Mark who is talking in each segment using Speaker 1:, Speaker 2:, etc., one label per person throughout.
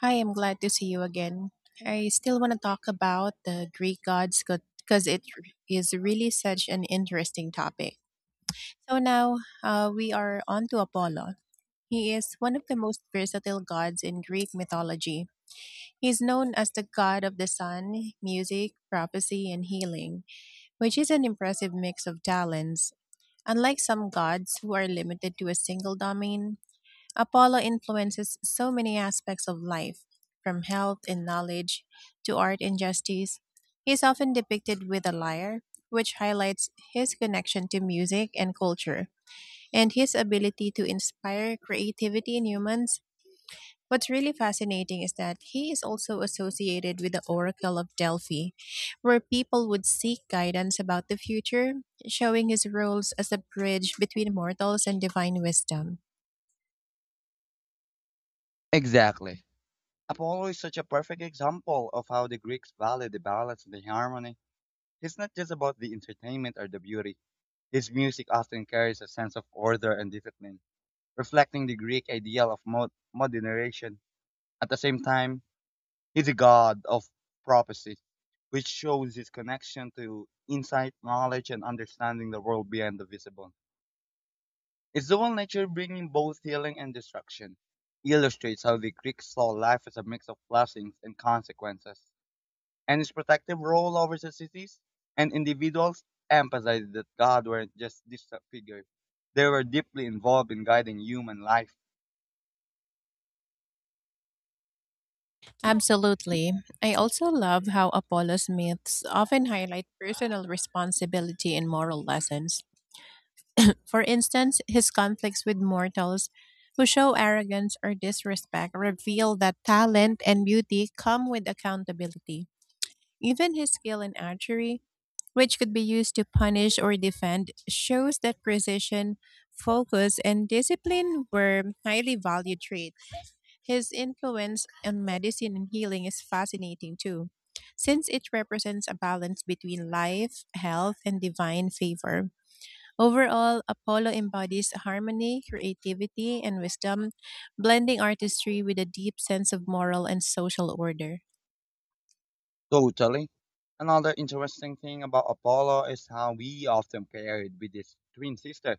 Speaker 1: Hi, I'm glad to see you again. I still want to talk about the Greek gods because it is really such an interesting topic. So now we are on to Apollo. He is one of the most versatile gods in Greek mythology. He is known as the god of the sun, music, prophecy, and healing, which is an impressive mix of talents. Unlike some gods who are limited to a single domain, Apollo influences so many aspects of life, from health and knowledge to art and justice. He is often depicted with a lyre, which highlights his connection to music and culture, and his ability to inspire creativity in humans. What's really fascinating is that he is also associated with the Oracle of Delphi, where people would seek guidance about the future, showing his roles as a bridge between mortals and divine wisdom.
Speaker 2: Exactly. Apollo is such a perfect example of how the Greeks valued the balance and the harmony. It's not just about the entertainment or the beauty. His music often carries a sense of order and discipline, reflecting the Greek ideal of moderation. At the same time, he's a god of prophecy, which shows his connection to insight, knowledge, and understanding the world beyond the visible. Its dual nature, bringing both healing and destruction, illustrates how the Greeks saw life as a mix of blessings and consequences, and its protective role over societies and individuals emphasized that God weren't just distant figures; they were deeply involved in guiding human life.
Speaker 1: Absolutely. I also love how Apollo's myths often highlight personal responsibility and moral lessons. For instance, his conflicts with mortals who show arrogance or disrespect reveal that talent and beauty come with accountability. Even his skill in archery, which could be used to punish or defend, shows that precision, focus, and discipline were highly valued traits. His influence on medicine and healing is fascinating too, since it represents a balance between life, health, and divine favor. Overall, Apollo embodies harmony, creativity, and wisdom, blending artistry with a deep sense of moral and social order.
Speaker 2: Totally. Another interesting thing about Apollo is how we often paired with his twin sister,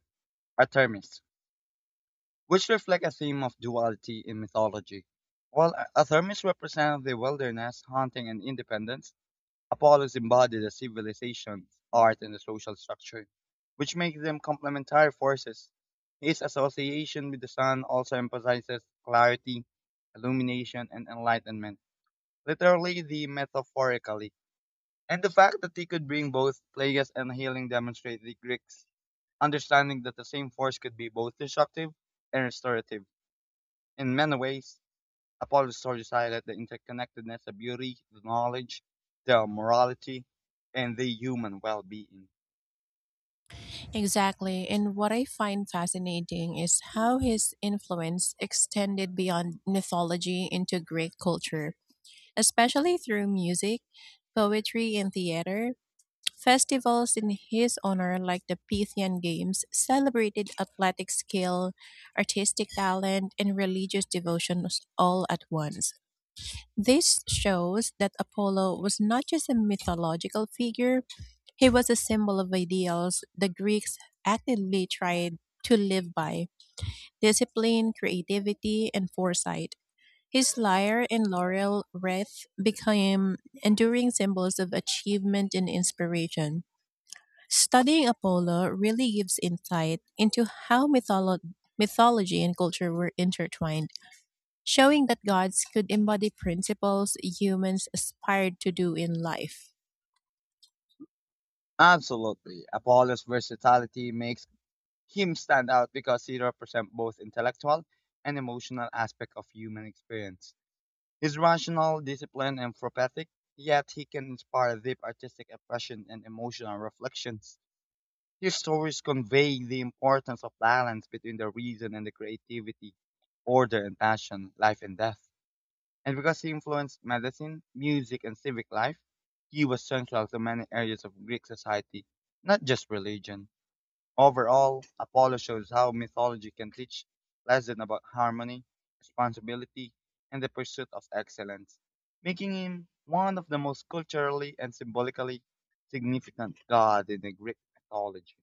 Speaker 2: Artemis, which reflect a theme of duality in mythology. While Athermis represents the wilderness, hunting, and independence, Apollos embodied the civilization's art and the social structure, which makes them complementary forces. His association with the sun also emphasizes clarity, illumination, and enlightenment, literally the metaphorically. And the fact that he could bring both plagues and healing demonstrates the Greeks' understanding that the same force could be both destructive and restorative. In many ways, Apollo's stories highlight the interconnectedness of beauty, the knowledge, their morality, and the human well-being.
Speaker 1: Exactly, and what I find fascinating is how his influence extended beyond mythology into Greek culture, especially through music, poetry, and theater. Festivals in his honor, like the Pythian Games, celebrated athletic skill, artistic talent, and religious devotions all at once. This shows that Apollo was not just a mythological figure, he was a symbol of ideals the Greeks actively tried to live by: discipline, creativity, and foresight. His lyre and laurel wreath became enduring symbols of achievement and inspiration. Studying Apollo really gives insight into how mythology and culture were intertwined, showing that gods could embody principles humans aspired to do in life.
Speaker 2: Absolutely, Apollo's versatility makes him stand out because he represents both intellectual and emotional aspect of human experience. He's rational, disciplined, and prophetic, yet he can inspire deep artistic expression and emotional reflections. Your stories convey the importance of balance between the reason and the creativity, order and passion, life and death. And because he influenced medicine, music, and civic life, he was central to many areas of Greek society, not just religion. Overall, Apollo shows how mythology can teach lessons about harmony, responsibility, and the pursuit of excellence, making him one of the most culturally and symbolically significant god in the Greek mythology.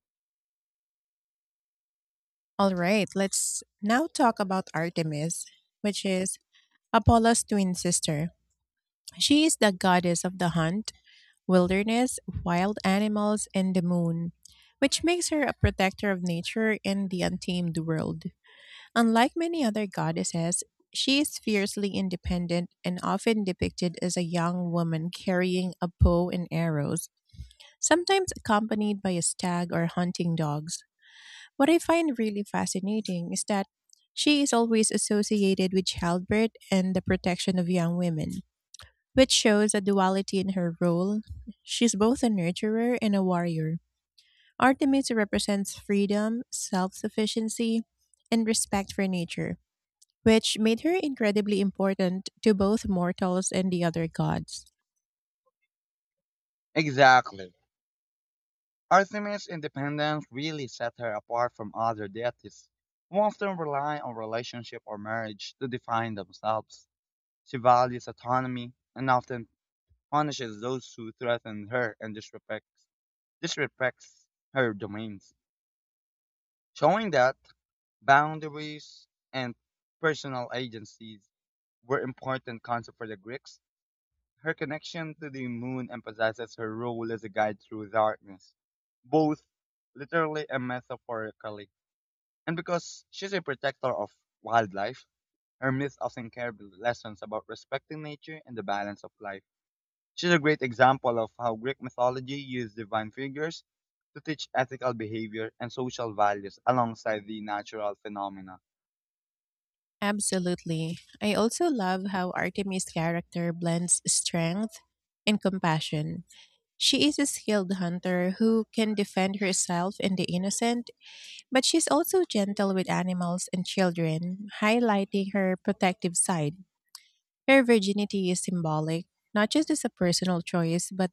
Speaker 1: All right, let's now talk about Artemis, which is Apollo's twin sister. She is the goddess of the hunt, wilderness, wild animals, and the moon, which makes her a protector of nature and the untamed world. Unlike many other goddesses, she is fiercely independent and often depicted as a young woman carrying a bow and arrows, sometimes accompanied by a stag or hunting dogs. What I find really fascinating is that she is always associated with childbirth and the protection of young women, which shows a duality in her role. She's both a nurturer and a warrior. Artemis represents freedom, self sufficiency, and respect for nature, which made her incredibly important to both mortals and the other gods.
Speaker 2: Exactly. Artemis' independence really set her apart from other deities, who often rely on relationship or marriage to define themselves. She values autonomy and often punishes those who threaten her and disrespects her domains, showing that boundaries and personal agencies were important concepts for the Greeks. Her connection to the moon emphasizes her role as a guide through darkness, both literally and metaphorically. And because she's a protector of wildlife, her myths often carry lessons about respecting nature and the balance of life. She's a great example of how Greek mythology used divine figures to teach ethical behavior and social values alongside the natural phenomena.
Speaker 1: Absolutely. I also love how Artemis' character blends strength and compassion. She is a skilled hunter who can defend herself and the innocent, but she's also gentle with animals and children, highlighting her protective side. Her virginity is symbolic, not just as a personal choice, but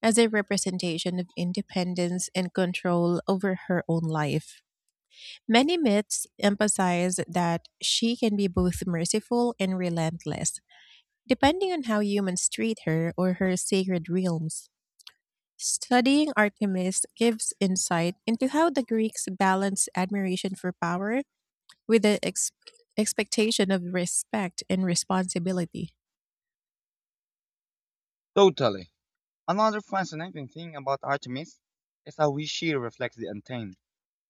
Speaker 1: as a representation of independence and control over her own life. Many myths emphasize that she can be both merciful and relentless, depending on how humans treat her or her sacred realms. Studying Artemis gives insight into how the Greeks balanced admiration for power with the expectation of respect and responsibility.
Speaker 2: Totally. Another fascinating thing about Artemis is how she reflects the untamed,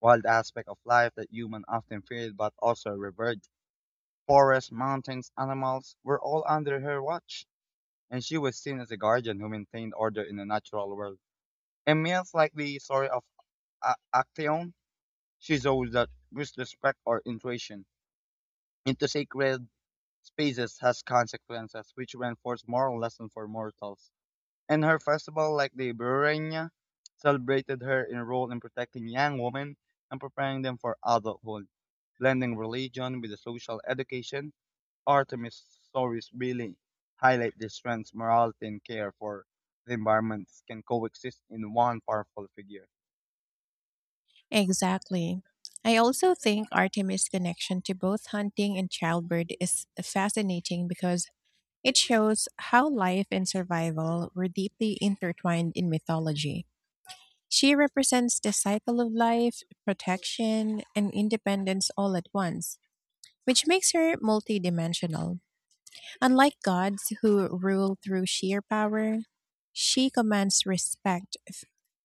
Speaker 2: wild aspect of life that humans often feared but also revered. Forests, mountains, animals were all under her watch, and she was seen as a guardian who maintained order in the natural world. In myths like the story of Actaeon, she shows that disrespect or intrusion into sacred spaces has consequences which reinforce moral lessons for mortals. And her festival, like the Burenya, celebrated her in role in protecting young women and preparing them for adulthood, blending religion with the social education. Artemis stories really highlight the strengths, morality, and care for the environment can coexist in one powerful figure.
Speaker 1: Exactly. I also think Artemis' connection to both hunting and childbirth is fascinating because it shows how life and survival were deeply intertwined in mythology. She represents the cycle of life, protection, and independence all at once, which makes her multidimensional. Unlike gods who rule through sheer power, she commands respect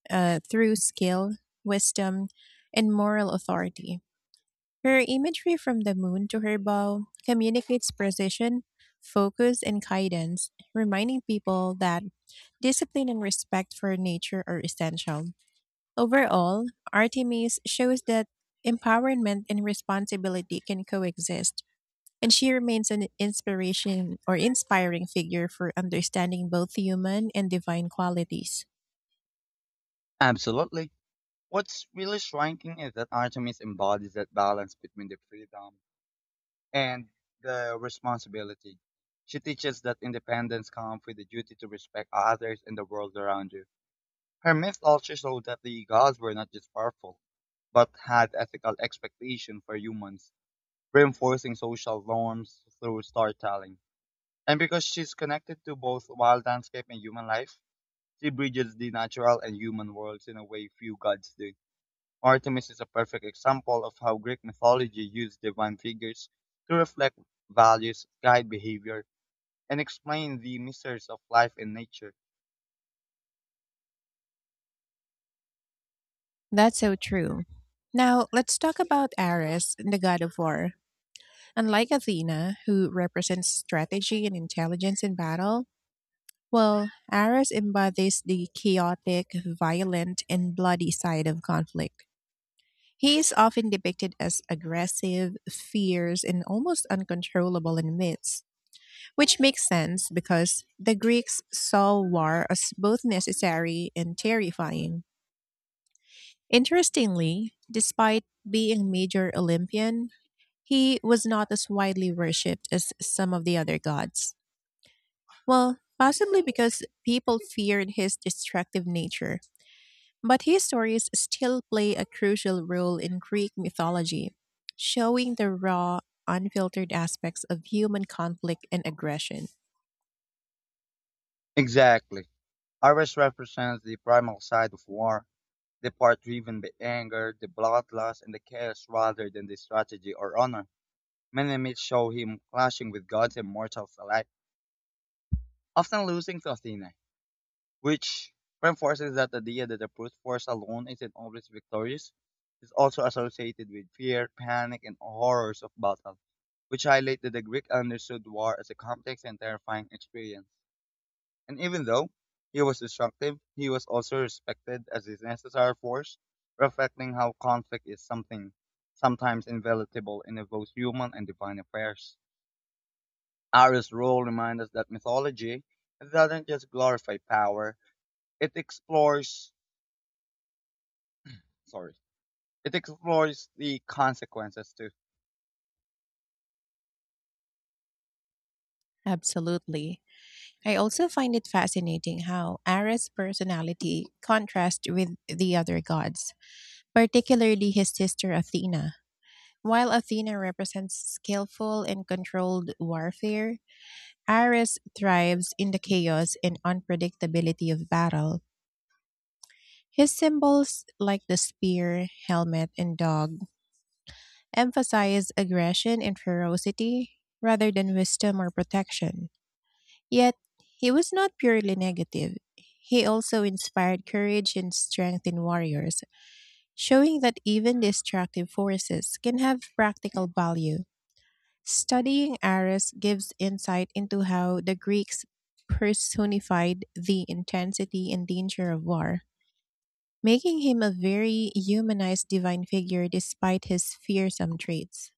Speaker 1: through skill, wisdom, and moral authority. Her imagery from the moon to her bow communicates precision, focus, and guidance, reminding people that discipline and respect for nature are essential. Overall, Artemis shows that empowerment and responsibility can coexist, and she remains an inspiration or inspiring figure for understanding both human and divine qualities.
Speaker 2: Absolutely. What's really striking is that Artemis embodies that balance between the freedom and the responsibility. She teaches that independence comes with the duty to respect others and the world around you. Her myths also show that the gods were not just powerful, but had ethical expectations for humans, reinforcing social norms through storytelling. And because she's connected to both wild landscape and human life, she bridges the natural and human worlds in a way few gods do. Artemis is a perfect example of how Greek mythology used divine figures to reflect values, guide behavior, and explain the mysteries of life and nature.
Speaker 1: That's so true. Now, let's talk about Ares, the god of war. Unlike Athena, who represents strategy and intelligence in battle, well, Ares embodies the chaotic, violent, and bloody side of conflict. He is often depicted as aggressive, fierce, and almost uncontrollable in myths, which makes sense because the Greeks saw war as both necessary and terrifying. Interestingly, despite being a major Olympian, he was not as widely worshipped as some of the other gods. Well, possibly because people feared his destructive nature, but his stories still play a crucial role in Greek mythology, showing the raw, unfiltered aspects of human conflict and aggression.
Speaker 2: Exactly. Ares represents the primal side of war, the part driven by anger, the bloodlust, and the chaos rather than the strategy or honor. Many myths show him clashing with gods and mortals alike, often losing to Athena, which reinforces that the idea that the brute force alone isn't always victorious is also associated with fear, panic, and horrors of battle, which highlight that the Greek understood war as a complex and terrifying experience. And even though he was destructive, he was also respected as his necessary force, reflecting how conflict is something sometimes inevitable in both human and divine affairs. Arius' role reminds us that mythology doesn't just glorify power, it explores sorry. It explores the consequences too.
Speaker 1: Absolutely. I also find it fascinating how Ares' personality contrasts with the other gods, particularly his sister Athena. While Athena represents skillful and controlled warfare, Ares thrives in the chaos and unpredictability of battle. His symbols, like the spear, helmet, and dog, emphasize aggression and ferocity rather than wisdom or protection. Yet, he was not purely negative. He also inspired courage and strength in warriors, showing that even destructive forces can have practical value. Studying Ares gives insight into how the Greeks personified the intensity and danger of war, making him a very humanized divine figure despite his fearsome traits.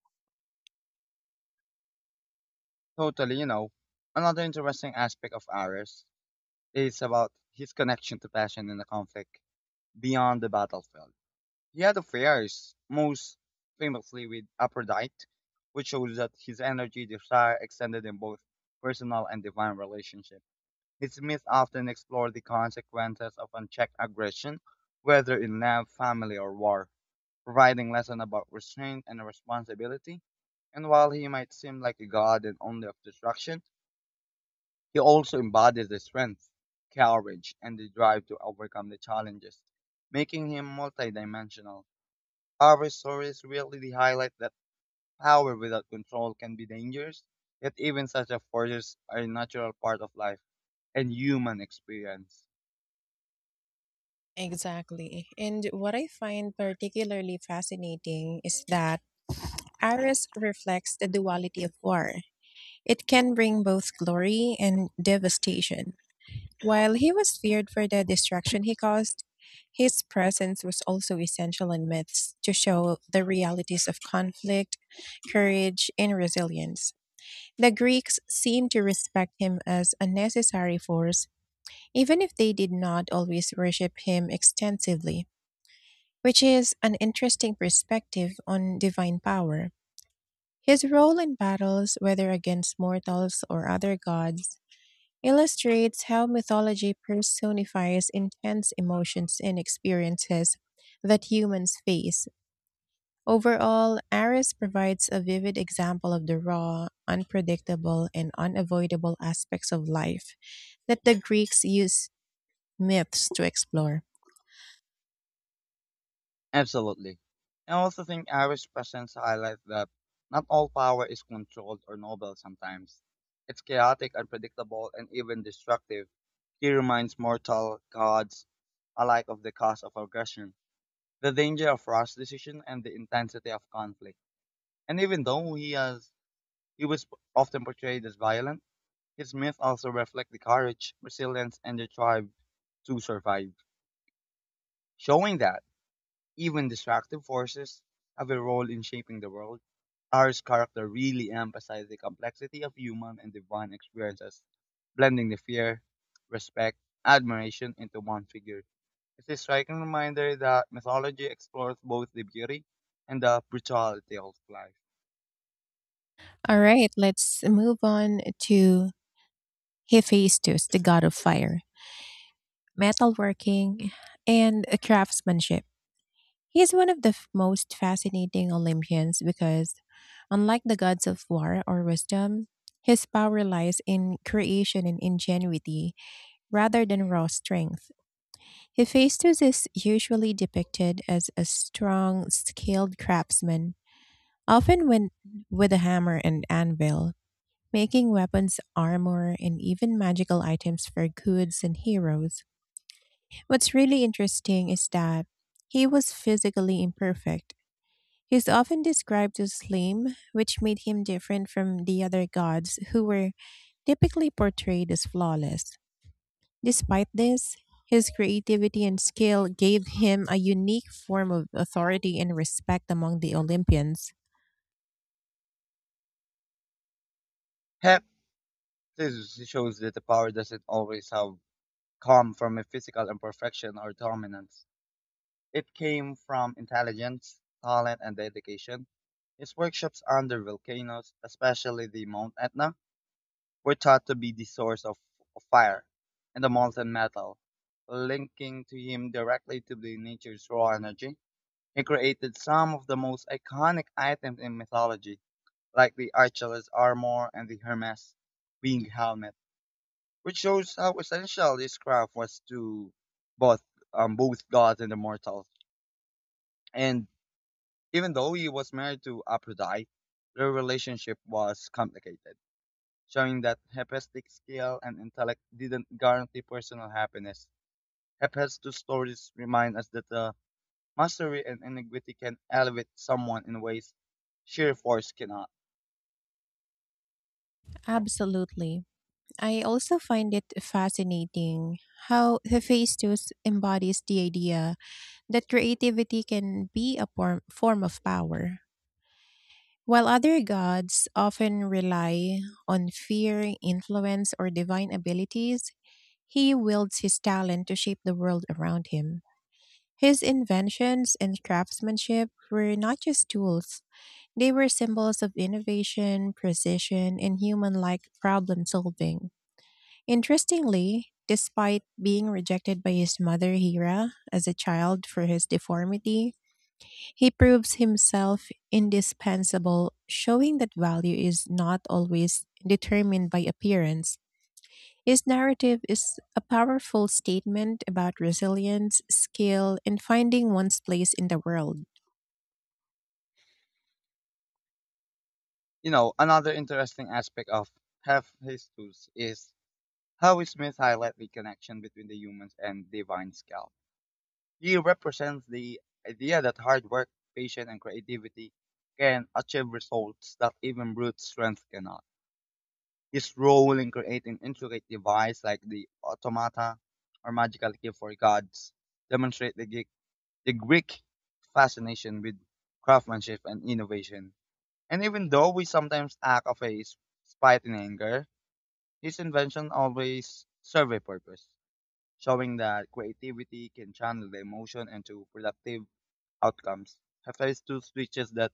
Speaker 2: Totally, you know. Another interesting aspect of Ares is about his connection to passion in the conflict beyond the battlefield. He had affairs, most famously with Aphrodite, which shows that his energy desire extended in both personal and divine relationships. His myths often explore the consequences of unchecked aggression, whether in love, family, or war, providing lessons about restraint and responsibility. And while he might seem like a god and only of destruction, he also embodies the strength, courage, and the drive to overcome the challenges, making him multidimensional. Our stories really highlight that power without control can be dangerous, yet even such a forces are a natural part of life and human experience.
Speaker 1: Exactly. And what I find particularly fascinating is that Ares reflects the duality of war. It can bring both glory and devastation. While he was feared for the destruction he caused, his presence was also essential in myths to show the realities of conflict, courage, and resilience. The Greeks seemed to respect him as a necessary force, even if they did not always worship him extensively, which is an interesting perspective on divine power. His role in battles, whether against mortals or other gods, illustrates how mythology personifies intense emotions and experiences that humans face. Overall, Ares provides a vivid example of the raw, unpredictable, and unavoidable aspects of life that the Greeks used myths to explore.
Speaker 2: Absolutely. I also think Irish presence highlights that not all power is controlled or noble sometimes. It's chaotic, unpredictable, and even destructive. He reminds mortal gods alike of the cost of aggression, the danger of rash decision, and the intensity of conflict. And even though he was often portrayed as violent, his myths also reflect the courage, resilience, and the drive to survive, showing that even destructive forces have a role in shaping the world. R's character really emphasized the complexity of human and divine experiences, blending the fear, respect, admiration into one figure. It's a striking reminder that mythology explores both the beauty and the brutality of life.
Speaker 1: All right, let's move on to Hephaestus, the god of fire, metalworking, and craftsmanship. He's one of the most fascinating Olympians because, unlike the gods of war or wisdom, his power lies in creation and ingenuity rather than raw strength. Hephaestus is usually depicted as a strong, skilled craftsman, often when, with a hammer and anvil, making weapons, armor, and even magical items for goods and heroes. What's really interesting is that he was physically imperfect. He's often described as slim, which made him different from the other gods who were typically portrayed as flawless. Despite this, his creativity and skill gave him a unique form of authority and respect among the Olympians.
Speaker 2: Heck, this shows that the power doesn't always have come from a physical imperfection or dominance. It came from intelligence, talent, and dedication. His workshops under volcanoes, especially the Mount Etna, were thought to be the source of fire and the molten metal, linking to him directly to the nature's raw energy. He created some of the most iconic items in mythology, like the Archelaus armor and the Hermes winged helmet, which shows how essential his craft was to both both gods and the mortals. And even though he was married to Aphrodite, their relationship was complicated showing that hedonistic skill and intellect didn't guarantee personal happiness. Hephaestus' two stories remind us that mastery and ingenuity can elevate someone in ways sheer force cannot.
Speaker 1: Absolutely. I also find it fascinating how Hephaestus embodies the idea that creativity can be a form of power. While other gods often rely on fear, influence, or divine abilities, he wields his talent to shape the world around him. His inventions and craftsmanship were not just tools, they were symbols of innovation, precision, and human like problem solving. Interestingly, despite being rejected by his mother Hera as a child for his deformity, he proves himself indispensable, showing that value is not always determined by appearance. His narrative is a powerful statement about resilience, skill, and finding one's place in the world.
Speaker 2: You know, another interesting aspect of Hephaestus is how Smith highlights the connection between the humans and divine skill. He represents the idea that hard work, patience, and creativity can achieve results that even brute strength cannot. His role in creating intricate devices like the automata or magical key for gods demonstrate the Greek fascination with craftsmanship and innovation. And even though we sometimes act of a spite and anger, his invention always serve a purpose, showing that creativity can channel the emotion into productive outcomes. Hephaestus teaches that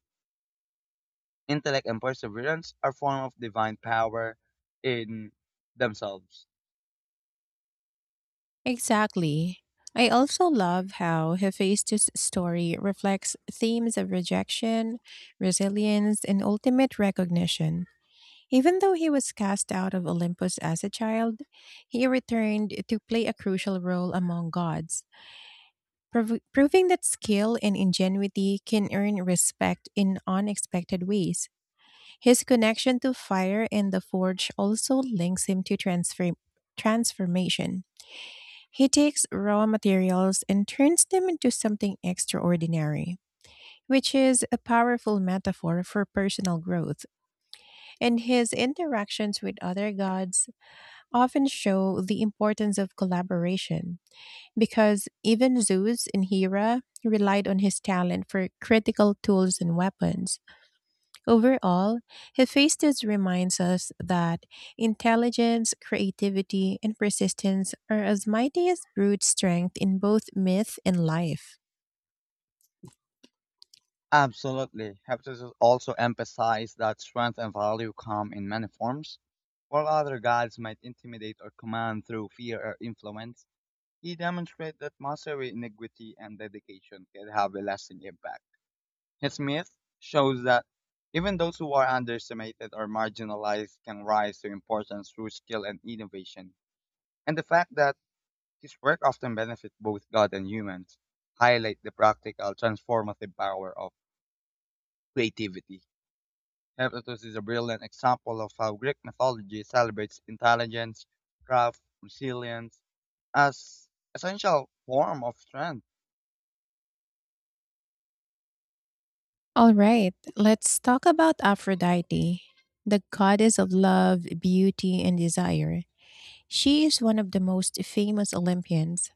Speaker 2: intellect and perseverance are form of divine power in themselves.
Speaker 1: Exactly. I also love how Hephaestus' story reflects themes of rejection, resilience, and ultimate recognition. Even though he was cast out of Olympus as a child, he returned to play a crucial role among gods, proving that skill and ingenuity can earn respect in unexpected ways. His connection to fire and the forge also links him to transformation. He takes raw materials and turns them into something extraordinary, which is a powerful metaphor for personal growth. And his interactions with other gods often show the importance of collaboration, because even Zeus in Hera relied on his talent for critical tools and weapons. Overall, Hephaestus reminds us that intelligence, creativity, and persistence are as mighty as brute strength in both myth and life.
Speaker 2: Absolutely. Heptasis also emphasized that strength and value come in many forms. While other gods might intimidate or command through fear or influence, he demonstrated that mastery, integrity, and dedication can have a lasting impact. His myth shows that even those who are underestimated or marginalized can rise to importance through skill and innovation. And the fact that his work often benefits both God and humans highlight the practical transformative power of creativity. Herodotus is a brilliant example of how Greek mythology celebrates intelligence, craft, resilience as essential form of strength.
Speaker 1: All right, let's talk about Aphrodite, the goddess of love, beauty, and desire. She is one of the most famous Olympians,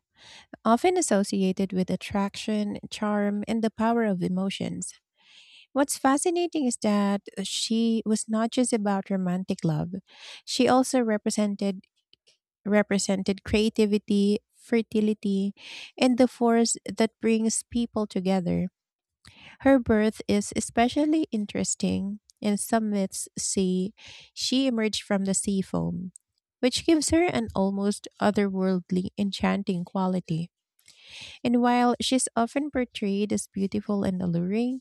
Speaker 1: often associated with attraction, charm, and the power of emotions. What's fascinating is that she was not just about romantic love. She also represented creativity, fertility, and the force that brings people together. Her birth is especially interesting, and some myths say she emerged from the sea foam, which gives her an almost otherworldly enchanting quality. And while she's often portrayed as beautiful and alluring,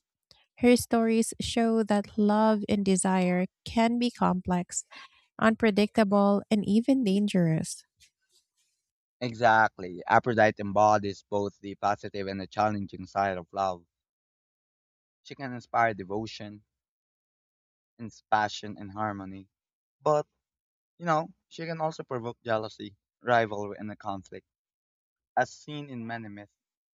Speaker 1: her stories show that love and desire can be complex, unpredictable, and even dangerous.
Speaker 2: Exactly. Aphrodite embodies both the positive and the challenging side of love. She can inspire devotion, passion, and harmony. But, you know, she can also provoke jealousy, rivalry, and a conflict, as seen in many myths.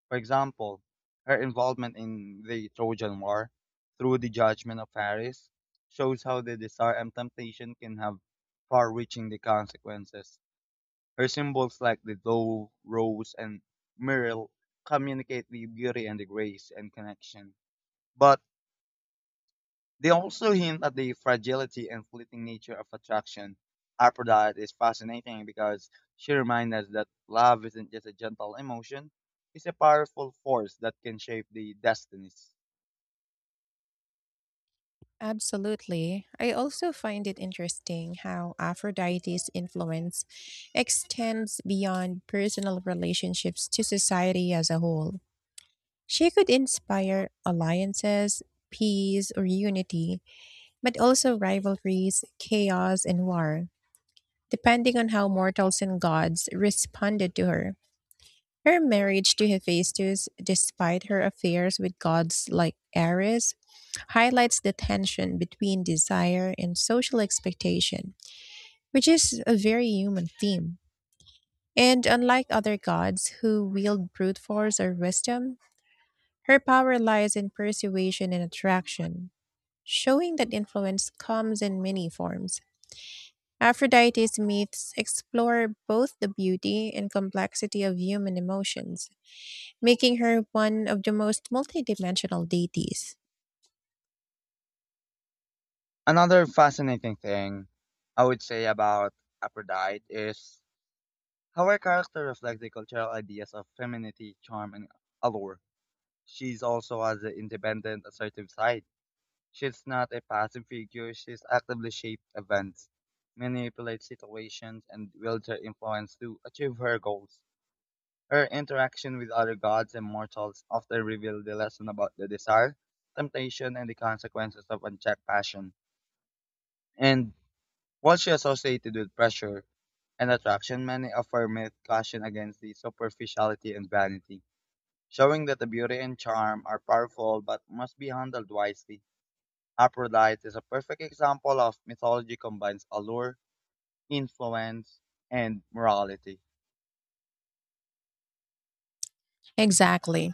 Speaker 2: For example, her involvement in the Trojan War through the judgment of Paris shows how the desire and temptation can have far reaching the consequences. Her symbols like the dove, rose, and myrtle communicate the beauty and the grace and connection. But they also hint at the fragility and fleeting nature of attraction. Aphrodite is fascinating because she reminds us that love isn't just a gentle emotion, it's a powerful force that can shape the destinies.
Speaker 1: Absolutely. I also find it interesting how Aphrodite's influence extends beyond personal relationships to society as a whole. She could inspire alliances, peace, or unity, but also rivalries, chaos, and war, depending on how mortals and gods responded to her. Her marriage to Hephaestus, despite her affairs with gods like Ares, highlights the tension between desire and social expectation, which is a very human theme. And unlike other gods who wield brute force or wisdom, her power lies in persuasion and attraction, showing that influence comes in many forms. Aphrodite's myths explore both the beauty and complexity of human emotions, making her one of the most multidimensional deities.
Speaker 2: Another fascinating thing I would say about Aphrodite is how her character reflects the cultural ideas of femininity, charm, and allure. She's also has an independent, assertive side. She's not a passive figure, she's actively shaped events, manipulates situations, and wields her influence to achieve her goals. Her interaction with other gods and mortals often reveal the lesson about the desire, temptation, and the consequences of unchecked passion. And while she associated with pressure and attraction, many of her myths caution against the superficiality and vanity, showing that the beauty and charm are powerful but must be handled wisely. Aphrodite is a perfect example of mythology combines allure, influence, and morality.
Speaker 1: Exactly.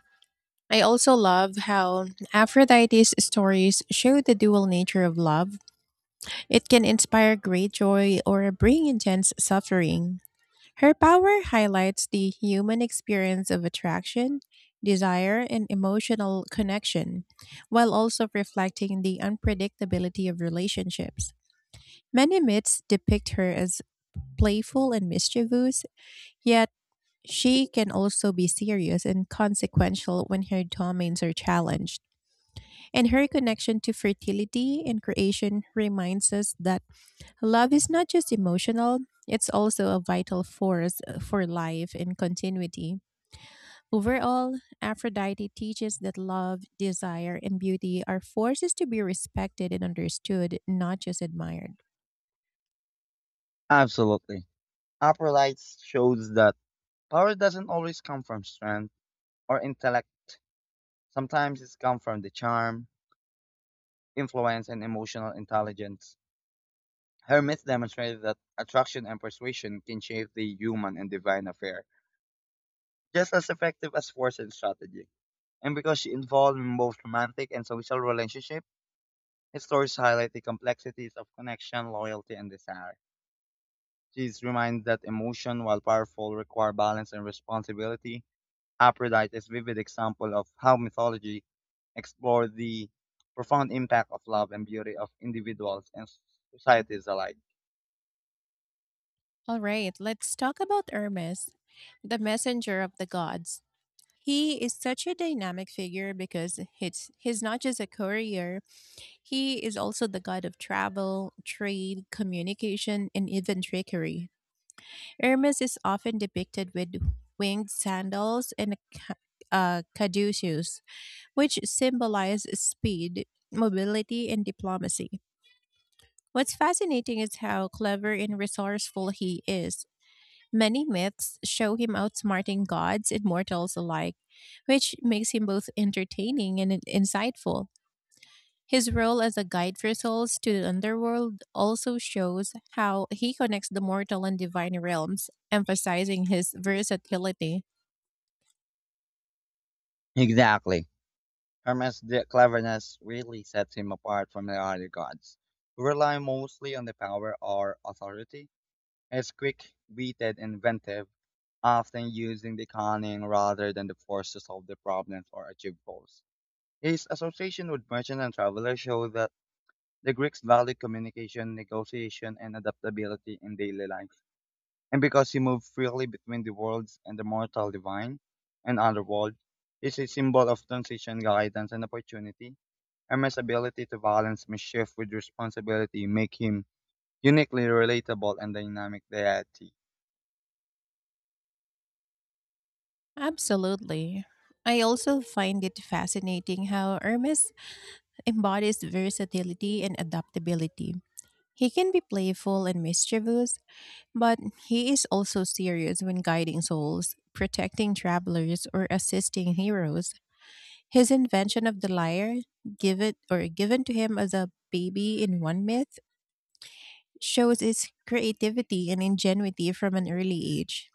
Speaker 1: I also love how Aphrodite's stories show the dual nature of love. It can inspire great joy or bring intense suffering. Her power highlights the human experience of attraction, desire, and emotional connection, while also reflecting the unpredictability of relationships. Many myths depict her as playful and mischievous, yet she can also be serious and consequential when her domains are challenged. And her connection to fertility and creation reminds us that love is not just emotional, it's also a vital force for life and continuity. Overall, Aphrodite teaches that love, desire, and beauty are forces to be respected and understood, not just admired.
Speaker 2: Absolutely. Aphrodite shows that power doesn't always come from strength or intellect. Sometimes it's come from the charm, influence, and emotional intelligence. Her myth demonstrated that attraction and persuasion can shape the human and divine affair, just as effective as force and strategy. And because she involved in both romantic and social relationships, His stories highlight the complexities of connection, loyalty, and desire. She's reminded that emotion, while powerful, require balance and responsibility. Aphrodite is a vivid example of how mythology explored the profound impact of love and beauty of individuals and societies alike.
Speaker 1: All right, let's talk about Hermes, the messenger of the gods. He is such a dynamic figure because he's not just a courier, he is also the god of travel, trade, communication, and even trickery. Hermes is often depicted with winged sandals and a caduceus, which symbolize speed, mobility, and diplomacy. What's fascinating is how clever and resourceful he is. Many myths show him outsmarting gods and mortals alike, which makes him both entertaining and insightful. His role as a guide for souls to the underworld also shows how he connects the mortal and divine realms, emphasizing his versatility.
Speaker 2: Exactly. Hermes' cleverness really sets him apart from the other gods, who rely mostly on the power or authority. He is quick, witted, and inventive often using the cunning rather than the force to solve the problems or achieve goals. His association with merchant and travelers show that the Greeks valued communication, negotiation, and adaptability in daily life. And because he moved freely between the worlds and the mortal divine and underworld, is a symbol of transition, guidance, and opportunity. Hermes' ability to balance mischief with responsibility make him uniquely relatable and dynamic deity.
Speaker 1: Absolutely. I also find it fascinating how Hermes embodies versatility and adaptability. He can be playful and mischievous, but he is also serious when guiding souls, protecting travelers, or assisting heroes. His invention of the lyre, given or given to him as a baby in one myth, shows his creativity and ingenuity from an early age.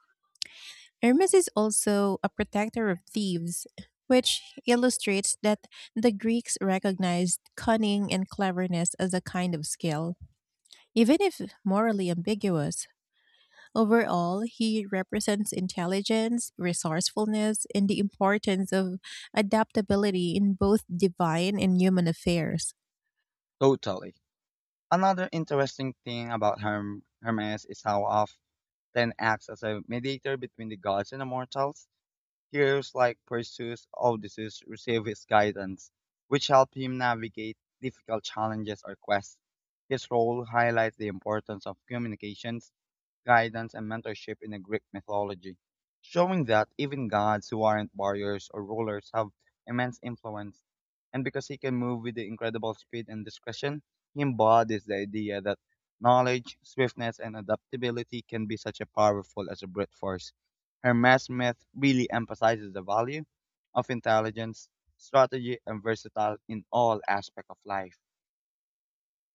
Speaker 1: Hermes is also a protector of thieves, which illustrates that the Greeks recognized cunning and cleverness as a kind of skill, even if morally ambiguous. Overall, he represents intelligence, resourcefulness, and the importance of adaptability in both divine and human affairs.
Speaker 2: Totally. Another interesting thing about Hermes is how often acts as a mediator between the gods and the mortals. Heroes like Perseus, Odysseus receive his guidance, which help him navigate difficult challenges or quests. His role highlights the importance of communication guidance, and mentorship in the Greek mythology, showing that even gods who aren't warriors or rulers have immense influence. And because he can move with the incredible speed and discretion, he embodies the idea that knowledge, swiftness, and adaptability can be such a powerful as a brute force. Hermes myth really emphasizes the value of intelligence, strategy, and versatility in all aspects of life.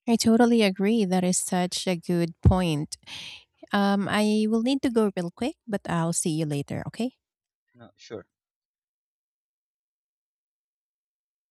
Speaker 1: I totally agree. That is such a good point. I will need to go real quick, but I'll see you later, okay?
Speaker 2: No, sure.